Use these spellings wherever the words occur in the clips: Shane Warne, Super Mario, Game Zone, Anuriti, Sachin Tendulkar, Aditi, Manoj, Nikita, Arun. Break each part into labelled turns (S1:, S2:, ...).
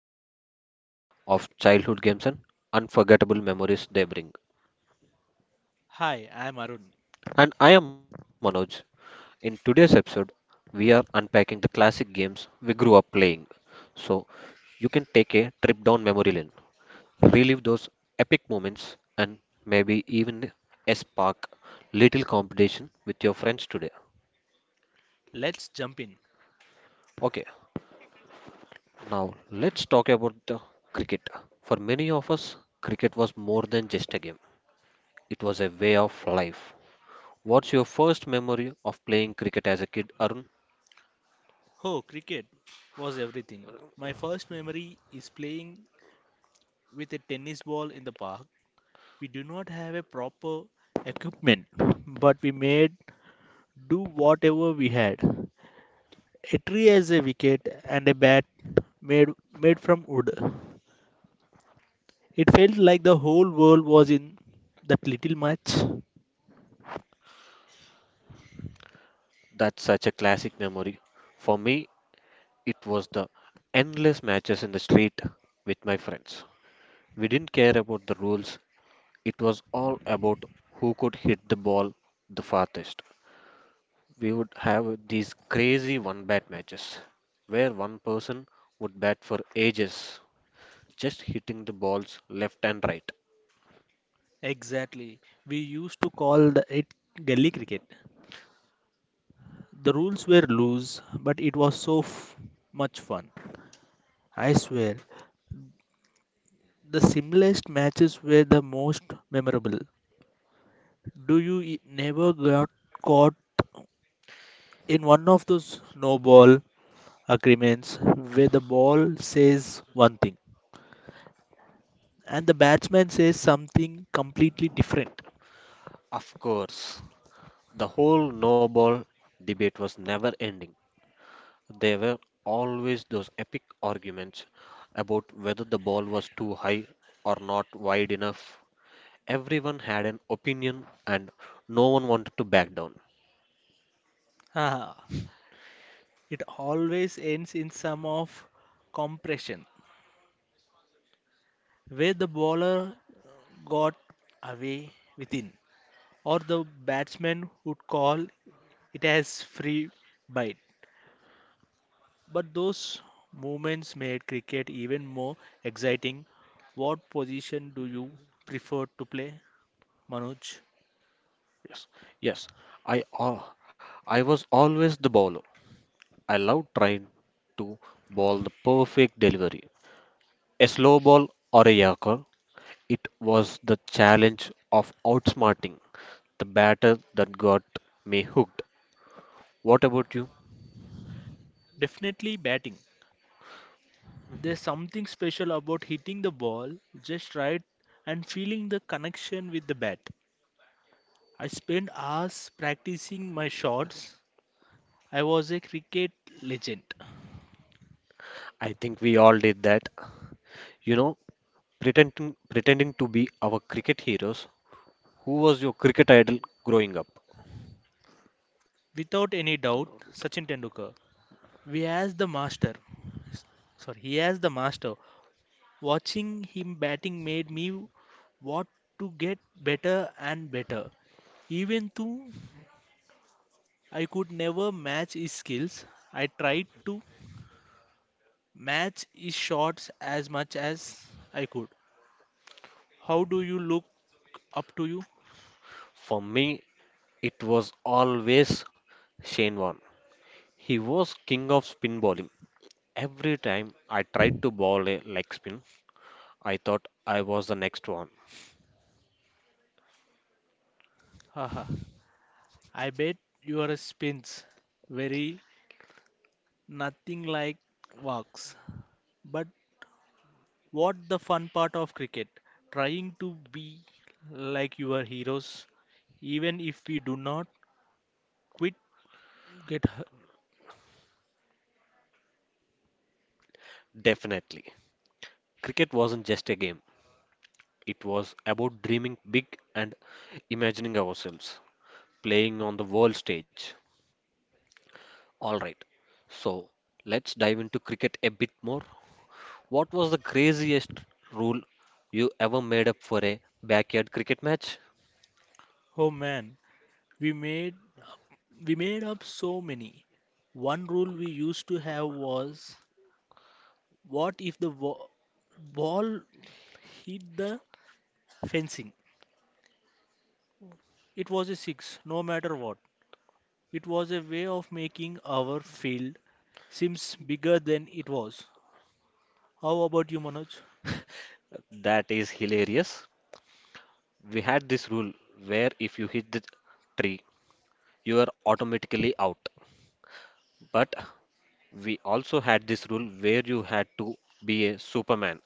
S1: fun filled world of childhood games and unforgettable memories they bring.
S2: Hi, I'm Arun.
S1: And I am Manoj. In today's episode, we are unpacking the classic games we grew up playing. So you can take a trip down memory lane, relive those epic moments, and maybe even a spark little competition with your friends today.
S2: Let's jump in.
S1: Okay. Now, let's talk about the cricket. For many of us, cricket was more than just a game, it was a way of life. What's your first memory of playing cricket as a kid, Arun?
S2: Oh, cricket was everything. My first memory is playing with a tennis ball in the park. We do not have a proper equipment, but we made do whatever we had. A tree as a wicket and a bat made made from wood. It felt like the whole world was in that little match.
S1: That's such a classic memory. For me, it was the endless matches in the street with my friends. We didn't care about the rules, it was all about who could hit the ball the farthest. We would have these crazy one bat matches where one person would bat for ages just hitting the balls left and right.
S2: Exactly. We used to call the, it gully cricket. The rules were loose, but it was so much fun. I swear, the simplest matches were the most memorable. Do you never got caught in one of those no ball agreements where the ball says one thing and the batsman says something completely different?
S1: Of course, the whole no ball debate was never ending. There were always those epic arguments about whether the ball was too high or not wide enough. Everyone had an opinion and no one wanted to back down.
S2: Ah, it always ends in some of compression where the bowler got away within. Or the batsman would call it as free bite. But those moments made cricket even more exciting. What position do you prefer to play, Manoj?
S1: Yes, yes, I, al- I was always the bowler. I loved trying to bowl the perfect delivery. A slow ball or a yorker. It was the challenge of outsmarting the batter that got me hooked. What about you?
S2: Definitely batting. There's something special about hitting the ball just right and feeling the connection with the bat. I spent hours practicing my shots. I was a cricket legend.
S1: I think we all did that. You know, pretending to be our cricket heroes. Who was your cricket idol growing up?
S2: Without any doubt, Sachin Tendulkar. We as the master, s- sorry, He as the master, watching him batting made me want to get better and better. Even though I could never match his skills, I tried to match his shots as much as I could. How do you look up to you?
S1: For me, it was always Shane Warne. He was king of spin bowling. Every time I tried to bowl a leg spin, I thought I was the next one.
S2: Haha. I bet your spins very nothing like walks. But what the fun part of cricket? Trying to be like your heroes, even if we do not quit. Get
S1: Definitely. Cricket wasn't just a game. It was about dreaming big and imagining ourselves playing on the world stage. All right, so let's dive into cricket a bit more. What was the craziest rule you ever made up for a backyard cricket match?
S2: oh man, we made we made up so many. One rule we used to have was what if the ball hit the fencing? It was a six, no matter what. It was a way of making our field seems bigger than it was. How about you, Manoj?
S1: That is hilarious. We had this rule where if you hit the tree, you are automatically out. But we also had this rule where you had to be a superman.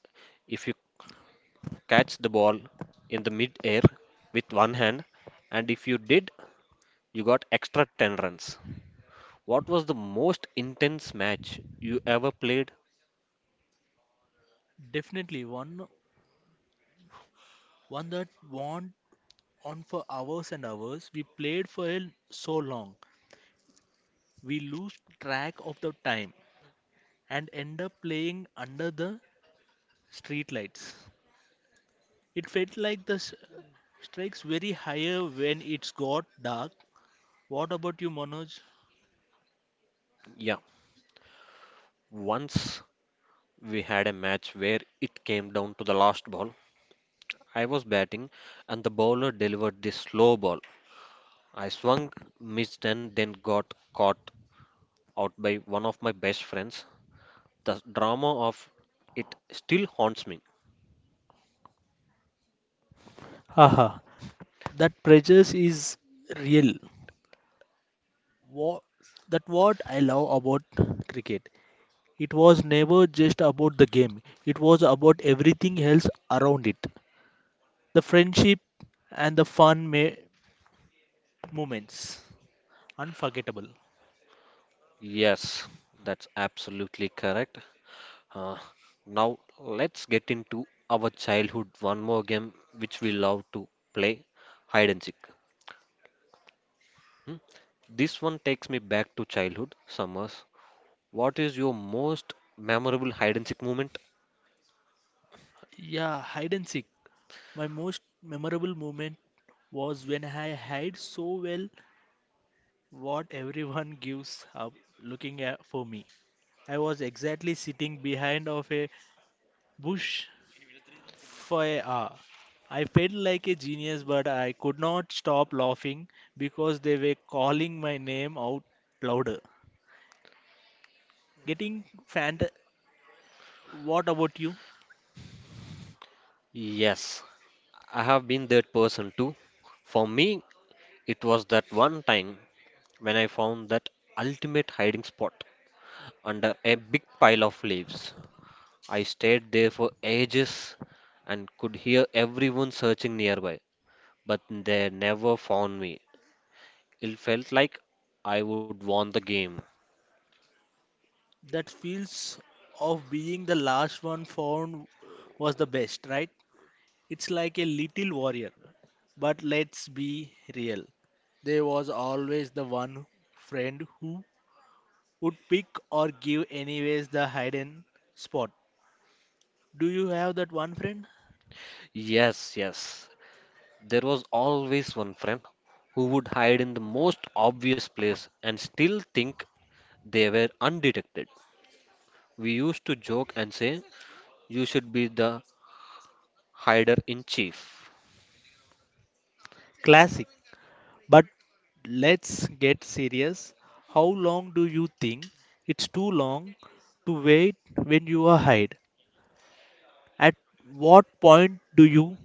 S1: If you catch the ball in the mid-air with one hand, and if you did, you got extra 10 runs. What was the most intense match you ever played?
S2: Definitely one that want on for hours and hours. We played for so long, we lose track of the time and end up playing under the streetlights. It felt like the strikes very higher when it's got dark. What about you, Manoj?
S1: Yeah, once we had a match where it came down to the last ball. I was batting, and the bowler delivered this slow ball. I swung, missed, and then got caught out by one of my best friends. The drama of it still haunts me.
S2: Haha, that pressure is real. What, that what I love about cricket. It was never just about the game. It was about everything else around it. The friendship and the fun moments. Unforgettable.
S1: Yes, that's absolutely correct. Uh, Now let's get into our childhood one more game which we love to play, hide and seek. Hmm? This one takes me back to childhood. Summers, what is your most memorable hide and seek moment?
S2: Yeah, hide and seek. My most memorable moment was when I hid so well what everyone gives up looking at for me. I was exactly sitting behind of a bush for a hour. I felt like a genius, but I could not stop laughing because they were calling my name out louder. Getting fant. What about you?
S1: Yes, I have been that person too. For me, it was that one time when I found that ultimate hiding spot under a big pile of leaves. I stayed there for ages and could hear everyone searching nearby, but they never found me. It felt like I would won the game.
S2: That feels of being the last one found was the best, right? It's like a little warrior. But let's be real. There was always the one friend who would pick or give anyways the hidden spot. Do you have that one friend?
S1: Yes, yes. There was always one friend who would hide in the most obvious place and still think they were undetected. We used to joke and say, you should be the hider in chief.
S2: Classic. But let's get serious. How long do you think it's too long to wait when you are hide? At what point do you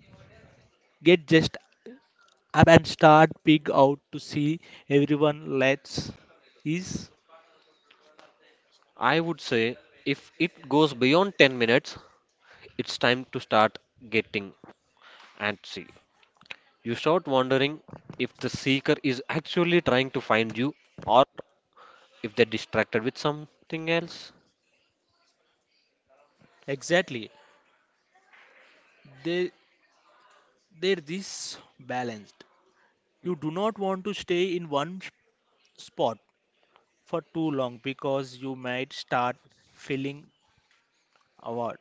S2: get just up and start pig out to see everyone lets is.
S1: I would say, if it goes beyond 10 minutes, it's time to start getting antsy. You start wondering if the seeker is actually trying to find you or if they're distracted with something else.
S2: Exactly. They they're this balanced. You do not want to stay in one spot for too long because you might start feeling awkward,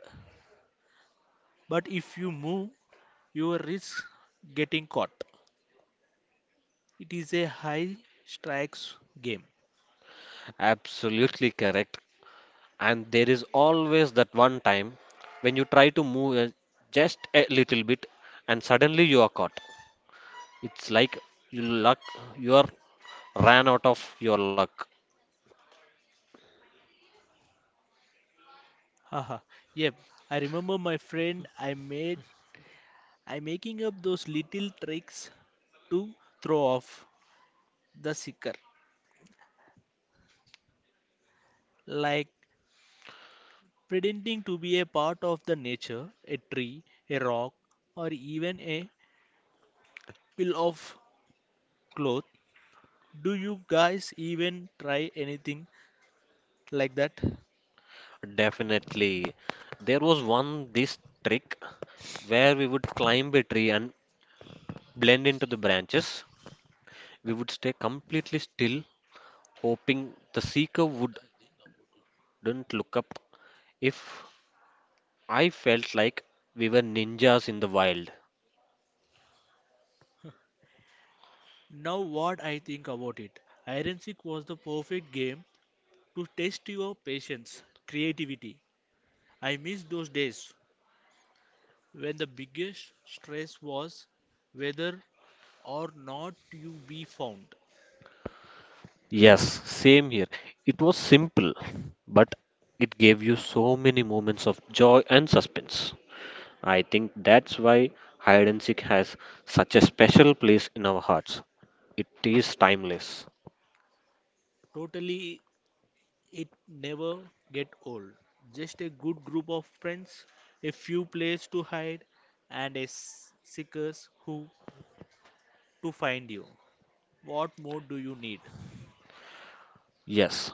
S2: but if you move you risk getting caught. It is a high strikes game.
S1: Absolutely correct. And there is always that one time when you try to move just a little bit and suddenly you are caught. It's like you luck you are ran out of your luck.
S2: Haha, yep. I remember my friend I made I making up those little tricks to throw off the seeker, like pretending to be a part of the nature, a tree, a rock, or even a pile of cloth. Do you guys even try anything like that?
S1: Definitely. There was one this trick where we would climb a tree and blend into the branches. We would stay completely still, hoping the seeker would don't look up. If I felt like we were ninjas in the wild.
S2: Now, what I think about it, hide and seek was the perfect game to test your patience, creativity. I miss those days when the biggest stress was whether or not you be found.
S1: Yes, same here. It was simple, but it gave you so many moments of joy and suspense. I think that's why hide and seek has such a special place in our hearts. It is timeless.
S2: Totally. It never get old. Just a good group of friends, a few places to hide, and a seekers who to find you. What more do you need?
S1: Yes,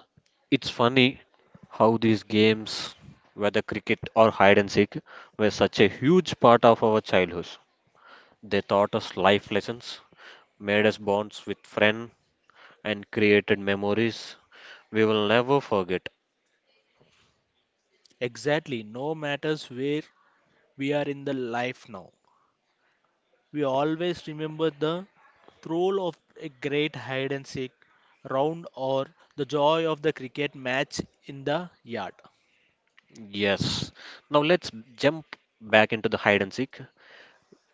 S1: it's funny how these games, whether cricket or hide and seek, were such a huge part of our childhood. They taught us life lessons, made us bonds with friends and created memories we will never forget.
S2: Exactly. No matters where we are in the life now. We always remember the thrill of a great hide and seek round or the joy of the cricket match in the yard.
S1: Yes. Now let's jump back into the hide and seek.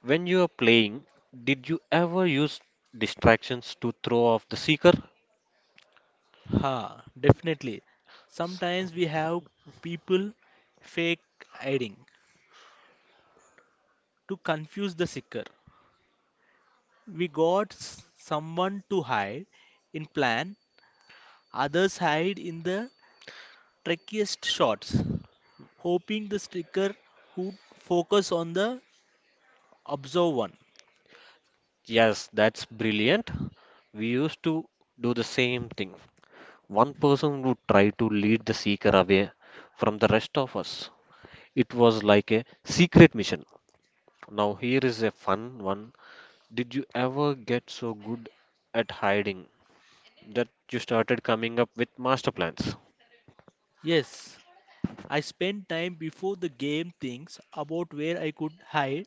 S1: When you are playing, did you ever use distractions to throw off the seeker?
S2: Ha, definitely.
S1: S-
S2: Sometimes we have people fake hiding to confuse the seeker. We got someone to hide in plan, others hide in the trickiest shots, hoping the seeker would focus on the observed one.
S1: Yes, that's brilliant. We used to do the same thing. One person would try to lead the seeker away from the rest of us. It was like a secret mission. Now, here is a fun one. Did you ever get so good at hiding that you started coming up with master plans?
S2: Yes, I spent time before the game thinks about where I could hide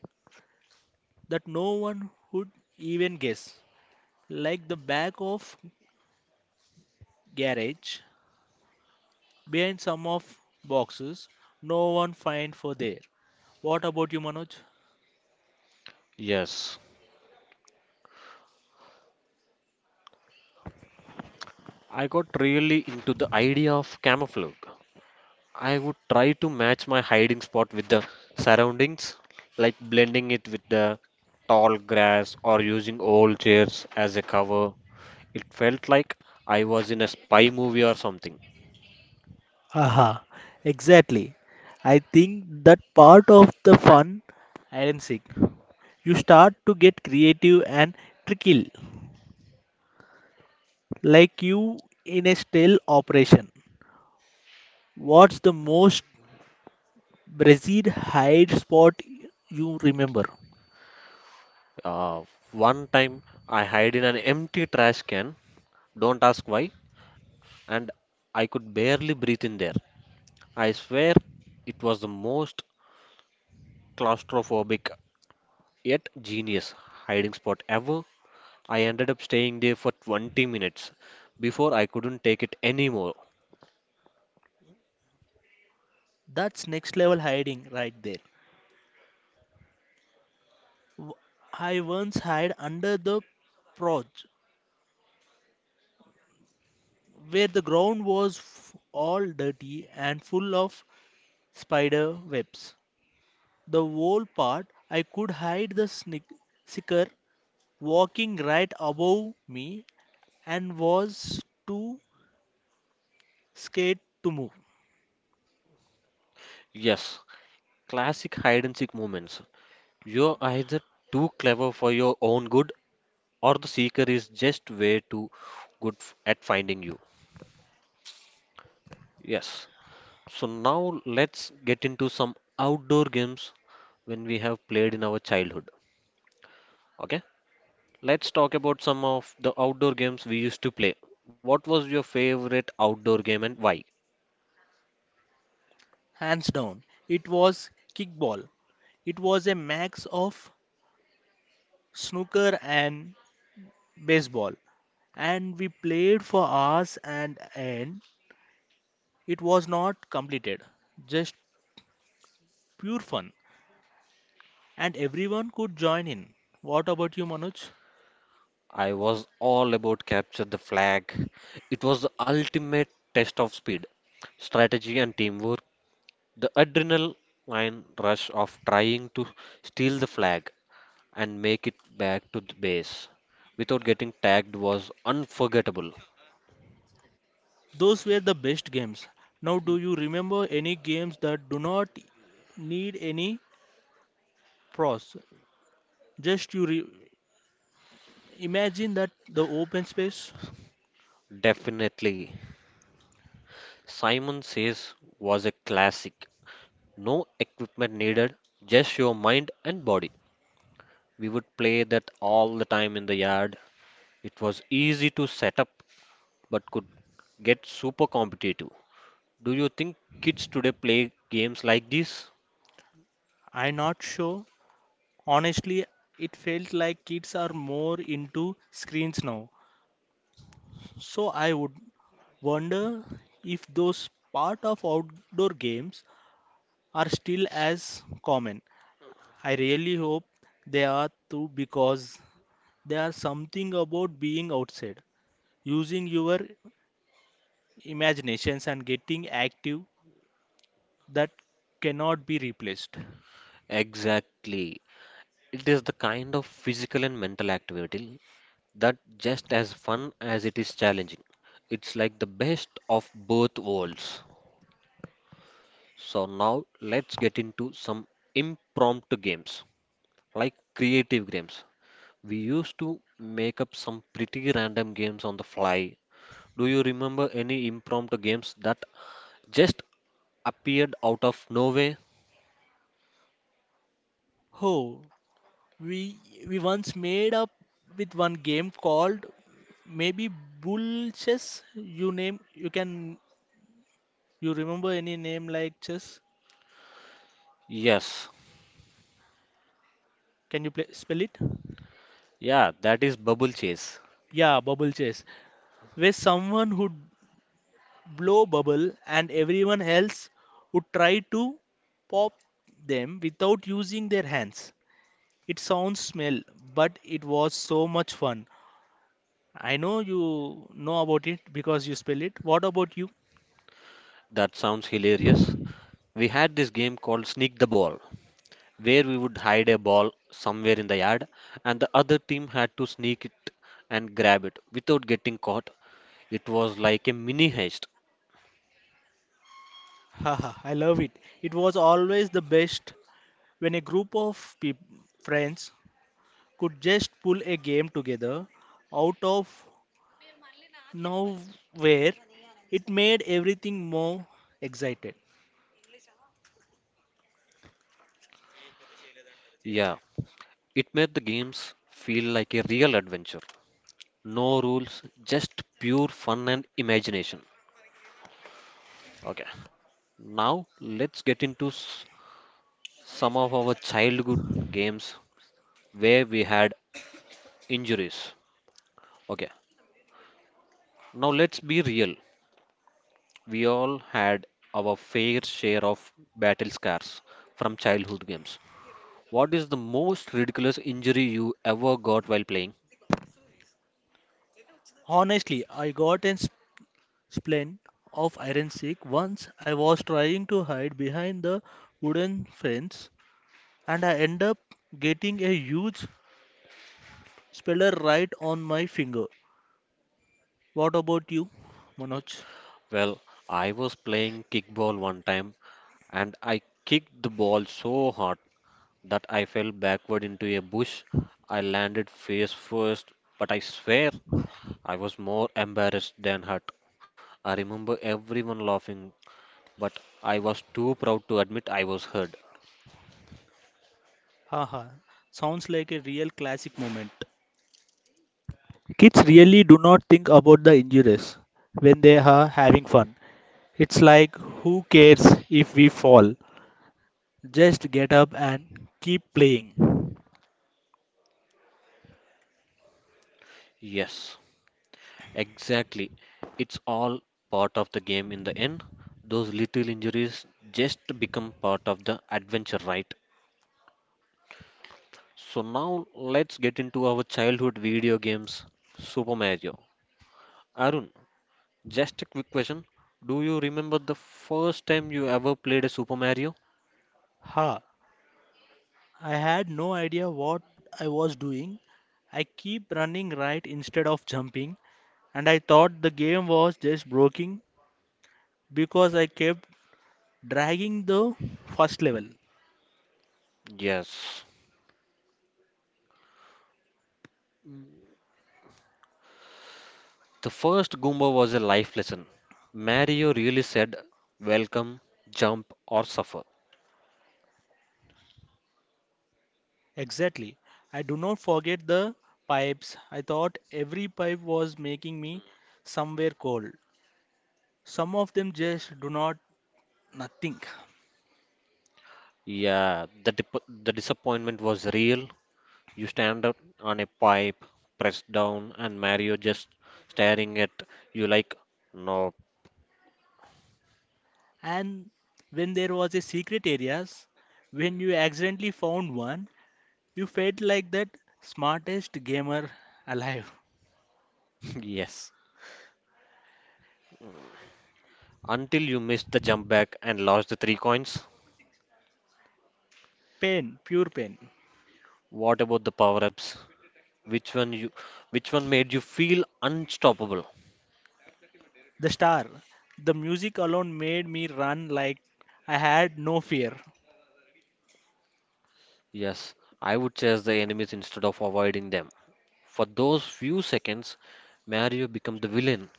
S2: that no one would even guess. Like the back of garage, behind some of boxes, no one find for there. What about you, Manoj?
S1: Yes, I got really into the idea of camouflage. I would try to match my hiding spot with the surroundings, like blending it with the tall grass or using old chairs as a cover. It felt like I was in a spy movie or something.
S2: Aha, exactly. I think that part of the fun and seek. You start to get creative and tricky, like you in a stealth operation. What's the most Brazil hide spot you remember?
S1: Uh, One time I hid in an empty trash can, don't ask why, and I could barely breathe in there. I swear it was the most claustrophobic yet genius hiding spot ever. I ended up staying there for 20 minutes before I couldn't take it anymore.
S2: That's next level hiding right there. W- I once hid under the proj, where the ground was all dirty and full of spider webs. The whole part, I could hide the snick, sicker walking right above me and was too scared to move.
S1: Yes, classic hide and seek moments. You're either too clever for your own good or the seeker is just way too at finding you. Yes, so now let's get into some outdoor games when we have played in our childhood. Okay, let's talk about some of the outdoor games we used to play. What was your favorite outdoor game and why?
S2: Hands down, it was kickball. It was a max of snooker and baseball, and we played for hours and end. It was not completed, just pure fun, and everyone could join in. What about you, Manoj?
S1: I was all about capture the flag. It was the ultimate test of speed, strategy, and teamwork. The adrenaline rush of trying to steal the flag and make it back to the base without getting tagged was unforgettable.
S2: Those were the best games. Now, do you remember any games that do not need any pros. Just you imagine that the open space.
S1: Definitely. Simon Says was a classic. No equipment needed, just your mind and body. We would play that all the time in the yard. It was easy to set up but could get super competitive. Do you think kids today play games like this?
S2: I'm not sure. Honestly, it felt like kids are more into screens now. So I would wonder if those part of outdoor games are still as common. I really hope they are too because there are something about being outside, using your imaginations and getting active that cannot be replaced.
S1: Exactly. It is the kind of physical and mental activity that just as fun as it is challenging. It's like the best of both worlds. So now let's get into some impromptu games, like creative games. We used to make up some pretty random games on the fly. Do you remember any impromptu games that just appeared out of nowhere?
S2: Oh, we we once made up with one game called maybe bull chess. You name you can you remember any name like chess?
S1: Yes.
S2: Can you play, spell it?
S1: Yeah, that is bubble chase.
S2: Yeah, bubble chess, where someone would blow bubble and everyone else would try to pop them without using their hands. It sounds smell, but it was so much fun. I know you know about it because you spell it. What about you?
S1: That sounds hilarious. We had this game called Sneak the Ball, where we would hide a ball somewhere in the yard and the other team had to sneak it and grab it without getting caught. It was like a mini heist.
S2: Haha, I love it. It was always the best when a group of peop friends could just pull a game together out of nowhere. It made everything more excited.
S1: Yeah, it made the games feel like a real adventure. No rules, just pure fun and imagination. Okay, now let's get into some of our childhood games where we had injuries. Okay, now let's be real. We all had our fair share of battle scars from childhood games. What is the most ridiculous injury you ever got while playing?
S2: Honestly, I got a splint of iron sick once I was trying to hide behind the wooden fence and I end up getting a huge speller right on my finger. What about you, Manoj?
S1: Well, I was playing kickball one time and I kicked the ball so hard that I fell backward into a bush. I landed face first, but I swear I was more embarrassed than hurt. I remember everyone laughing but I was too proud to admit I was hurt.
S2: Haha, sounds like a real classic moment. Kids really do not think about the injuries when they are having fun. It's like, who cares if we fall? Just get up and keep playing.
S1: Yes, exactly. It's all part of the game in the end. Those little injuries just become part of the adventure, right? So now let's get into our childhood video games, Super Mario. Arun, just a quick question. Do you remember the first time you ever played a Super Mario?
S2: Ha, I had no idea what I was doing. I keep running right instead of jumping, and I thought the game was just broken because I kept dragging the first level.
S1: Yes. The first Goomba was a life lesson. Mario really said, welcome, jump, or suffer.
S2: Exactly. I do not forget the pipes. I thought every pipe was making me somewhere cold. Some of them just do not nothing.
S1: Yeah, the disappointment was real. You stand up on a pipe, press down, and Mario just staring at you like, no.
S2: And when there was a secret areas, when you accidentally found one, you felt like that smartest gamer alive.
S1: Yes. Until you missed the jump back and lost the three coins.
S2: Pain, pure pain.
S1: What about the power-ups? Which one you, which one made you feel unstoppable?
S2: The star, the music alone made me run like I had no fear.
S1: Yes, I would chase the enemies instead of avoiding them. For those few seconds, Mario become the villain.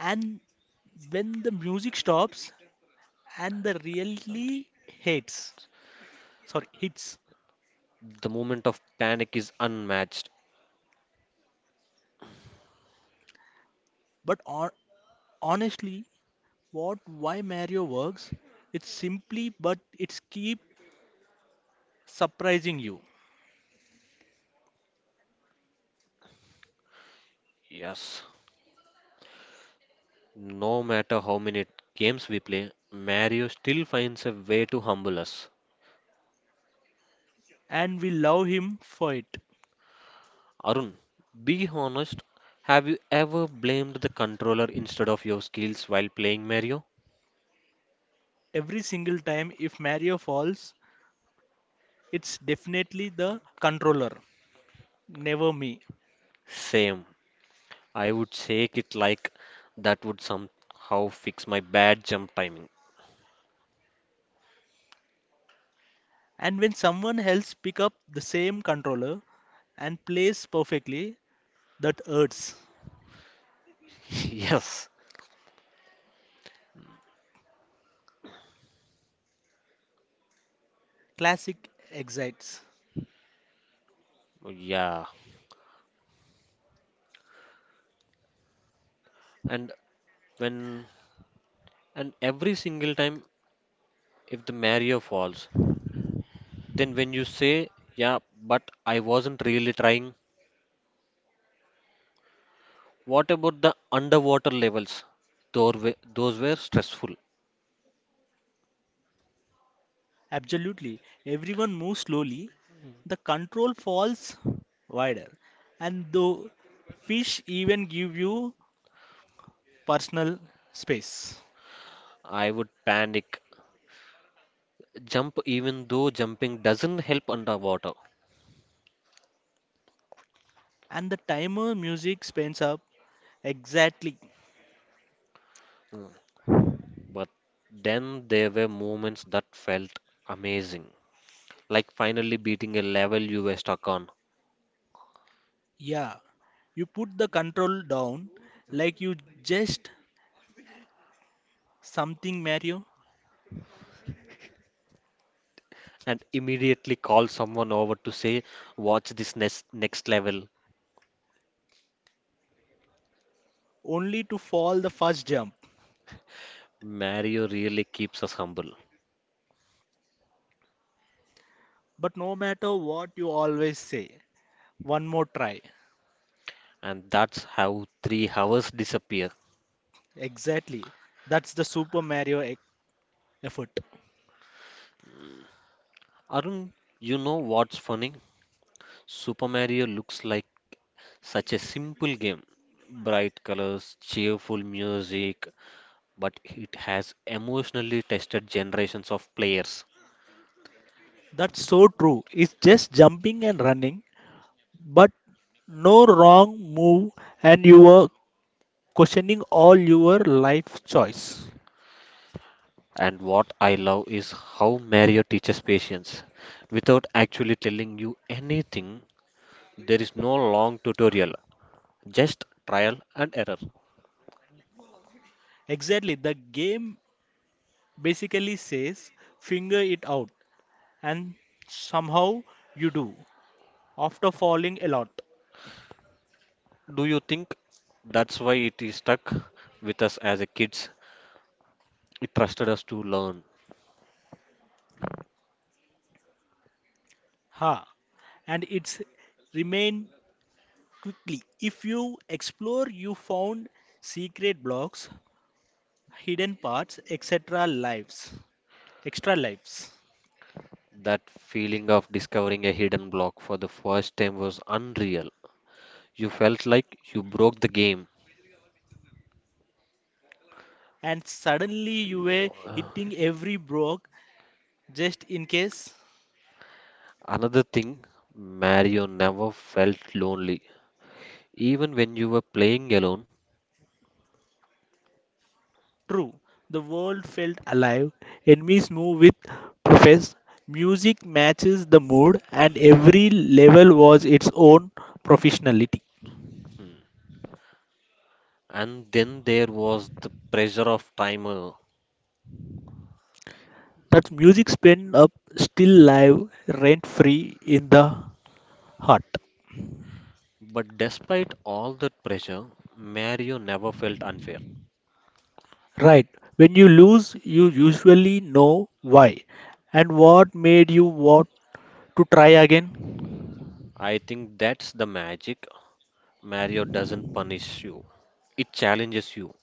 S2: And when the music stops, and the really hates sorry hits
S1: The moment of panic is unmatched.
S2: but on, honestly what why mario works it's simply but it's keep surprising you.
S1: Yes. No matter how many games we play, Mario still finds a way to humble us.
S2: And we love him for it
S1: Arun, be honest, have you ever blamed the controller instead of your skills while playing Mario?
S2: every single time. If mario falls it's definitely the controller, never me.
S1: Same. I would shake it like that would somehow fix my bad jump timing.
S2: And when someone else pick up the same controller and plays perfectly, that hurts.
S1: Yes.
S2: Classic excites.
S1: Yeah. And when and every single time if the Mario falls, then when you say, yeah, but I wasn't really trying. What about the underwater levels? Those were stressful.
S2: Absolutely. Everyone moves slowly. The control falls wider. And the fish even give you personal space.
S1: I would panic, jump even though jumping doesn't help underwater.
S2: And the timer music spins up. Exactly.
S1: Mm. But then there were moments that felt amazing, like finally beating a level you were stuck on,
S2: Yeah. You put the control down like you just something Mario
S1: and immediately call someone over to say, "Watch this next level."
S2: only to fall the first jump.
S1: Mario really keeps us humble,
S2: But no matter what you always say, one more try.
S1: and that's how 3 hours disappear.
S2: Exactly. That's the Super Mario effort.
S1: Arun, you know what's funny? Super Mario looks like such a simple game, bright colors, cheerful music, but it has emotionally tested generations of players.
S2: That's so true. It's just jumping and running, but no wrong move, and you are questioning all your life choice.
S1: And what I love is how Mario teaches patience. Without actually telling you anything, there is no long tutorial, just trial and error.
S2: Exactly. The game basically says figure it out, and somehow you do after falling a lot.
S1: Do you think that's why it is stuck with us as a kids? It trusted us to learn.
S2: Ha! And it's remain quickly. If you explore, you found secret blocks, hidden parts, etc. lives, extra lives.
S1: That feeling of discovering a hidden block for the first time was unreal. You felt like you broke the game.
S2: And suddenly you were
S1: Uh,
S2: hitting every broke just in case.
S1: Another thing, Mario never felt lonely, even when you were playing alone.
S2: True, the world felt alive, enemies move with profess, music matches the mood, and every level was its own professionality.
S1: And then there was the pressure of timer.
S2: That music spent up still live, rent free in the heart.
S1: But despite all that pressure, Mario never felt unfair.
S2: Right, when you lose, you usually know why and what made you want to try again.
S1: I think that's the magic. Mario doesn't punish you, it challenges you.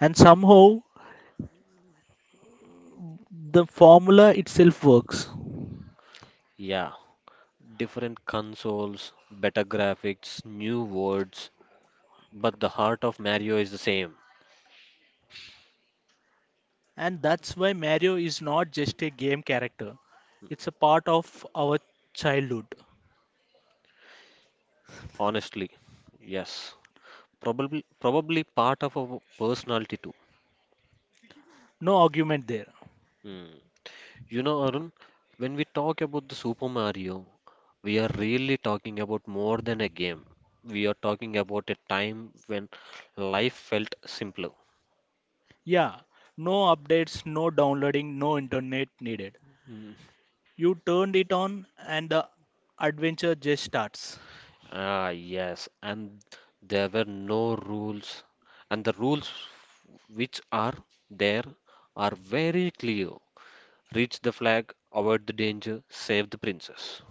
S2: And somehow the formula itself works,
S1: Yeah, different consoles, better graphics, new worlds, but the heart of Mario is the same.
S2: and that's why Mario is not just a game character. It's a part of our childhood.
S1: Honestly, yes. Probably part of our personality too.
S2: No argument there.
S1: Hmm. You know, Arun, when we talk about the Super Mario, we are really talking about more than a game. We are talking about a time when life felt simpler.
S2: Yeah, no updates, no downloading, no internet needed.
S1: Mm.
S2: You turned it on and the adventure just starts.
S1: Ah, yes, and there were no rules, and the rules which are there are very clear. Reach the flag, avoid the danger, save the princess.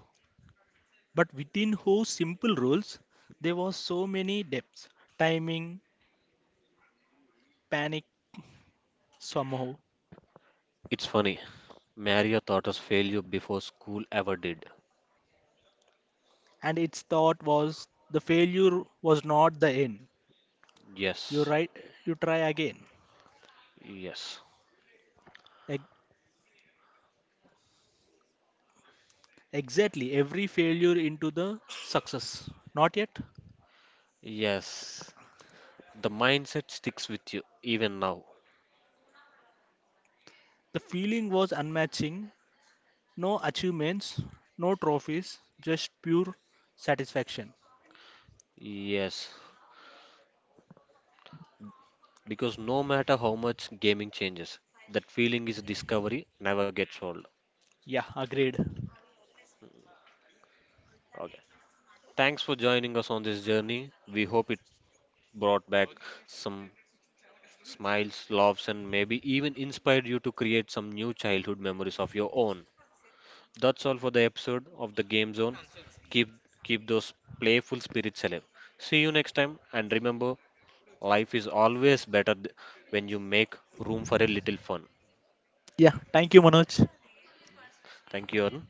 S2: But within whose simple rules, there was so many depths, timing, panic, somehow.
S1: It's funny. Mario taught us failure before school ever did.
S2: And its thought was the failure was not the end. You
S1: Yes,
S2: right, you try again.
S1: yes,
S2: Exactly, every failure into the success. Not yet.
S1: yes. The mindset sticks with you even now.
S2: The feeling was unmatching. No achievements, no trophies, just pure satisfaction.
S1: Yes, because no matter how much gaming changes, that feeling is discovery never gets old.
S2: Yeah, agreed.
S1: Okay. Thanks for joining us on this journey. We hope it brought back some smiles, laughs, and maybe even inspired you to create some new childhood memories of your own. That's all for the episode of the Game Zone. Keep keep those playful spirits alive. See you next time and remember life is always better when you make room for a little fun.
S2: Yeah, thank you, Manoj.
S1: Thank you, Arun.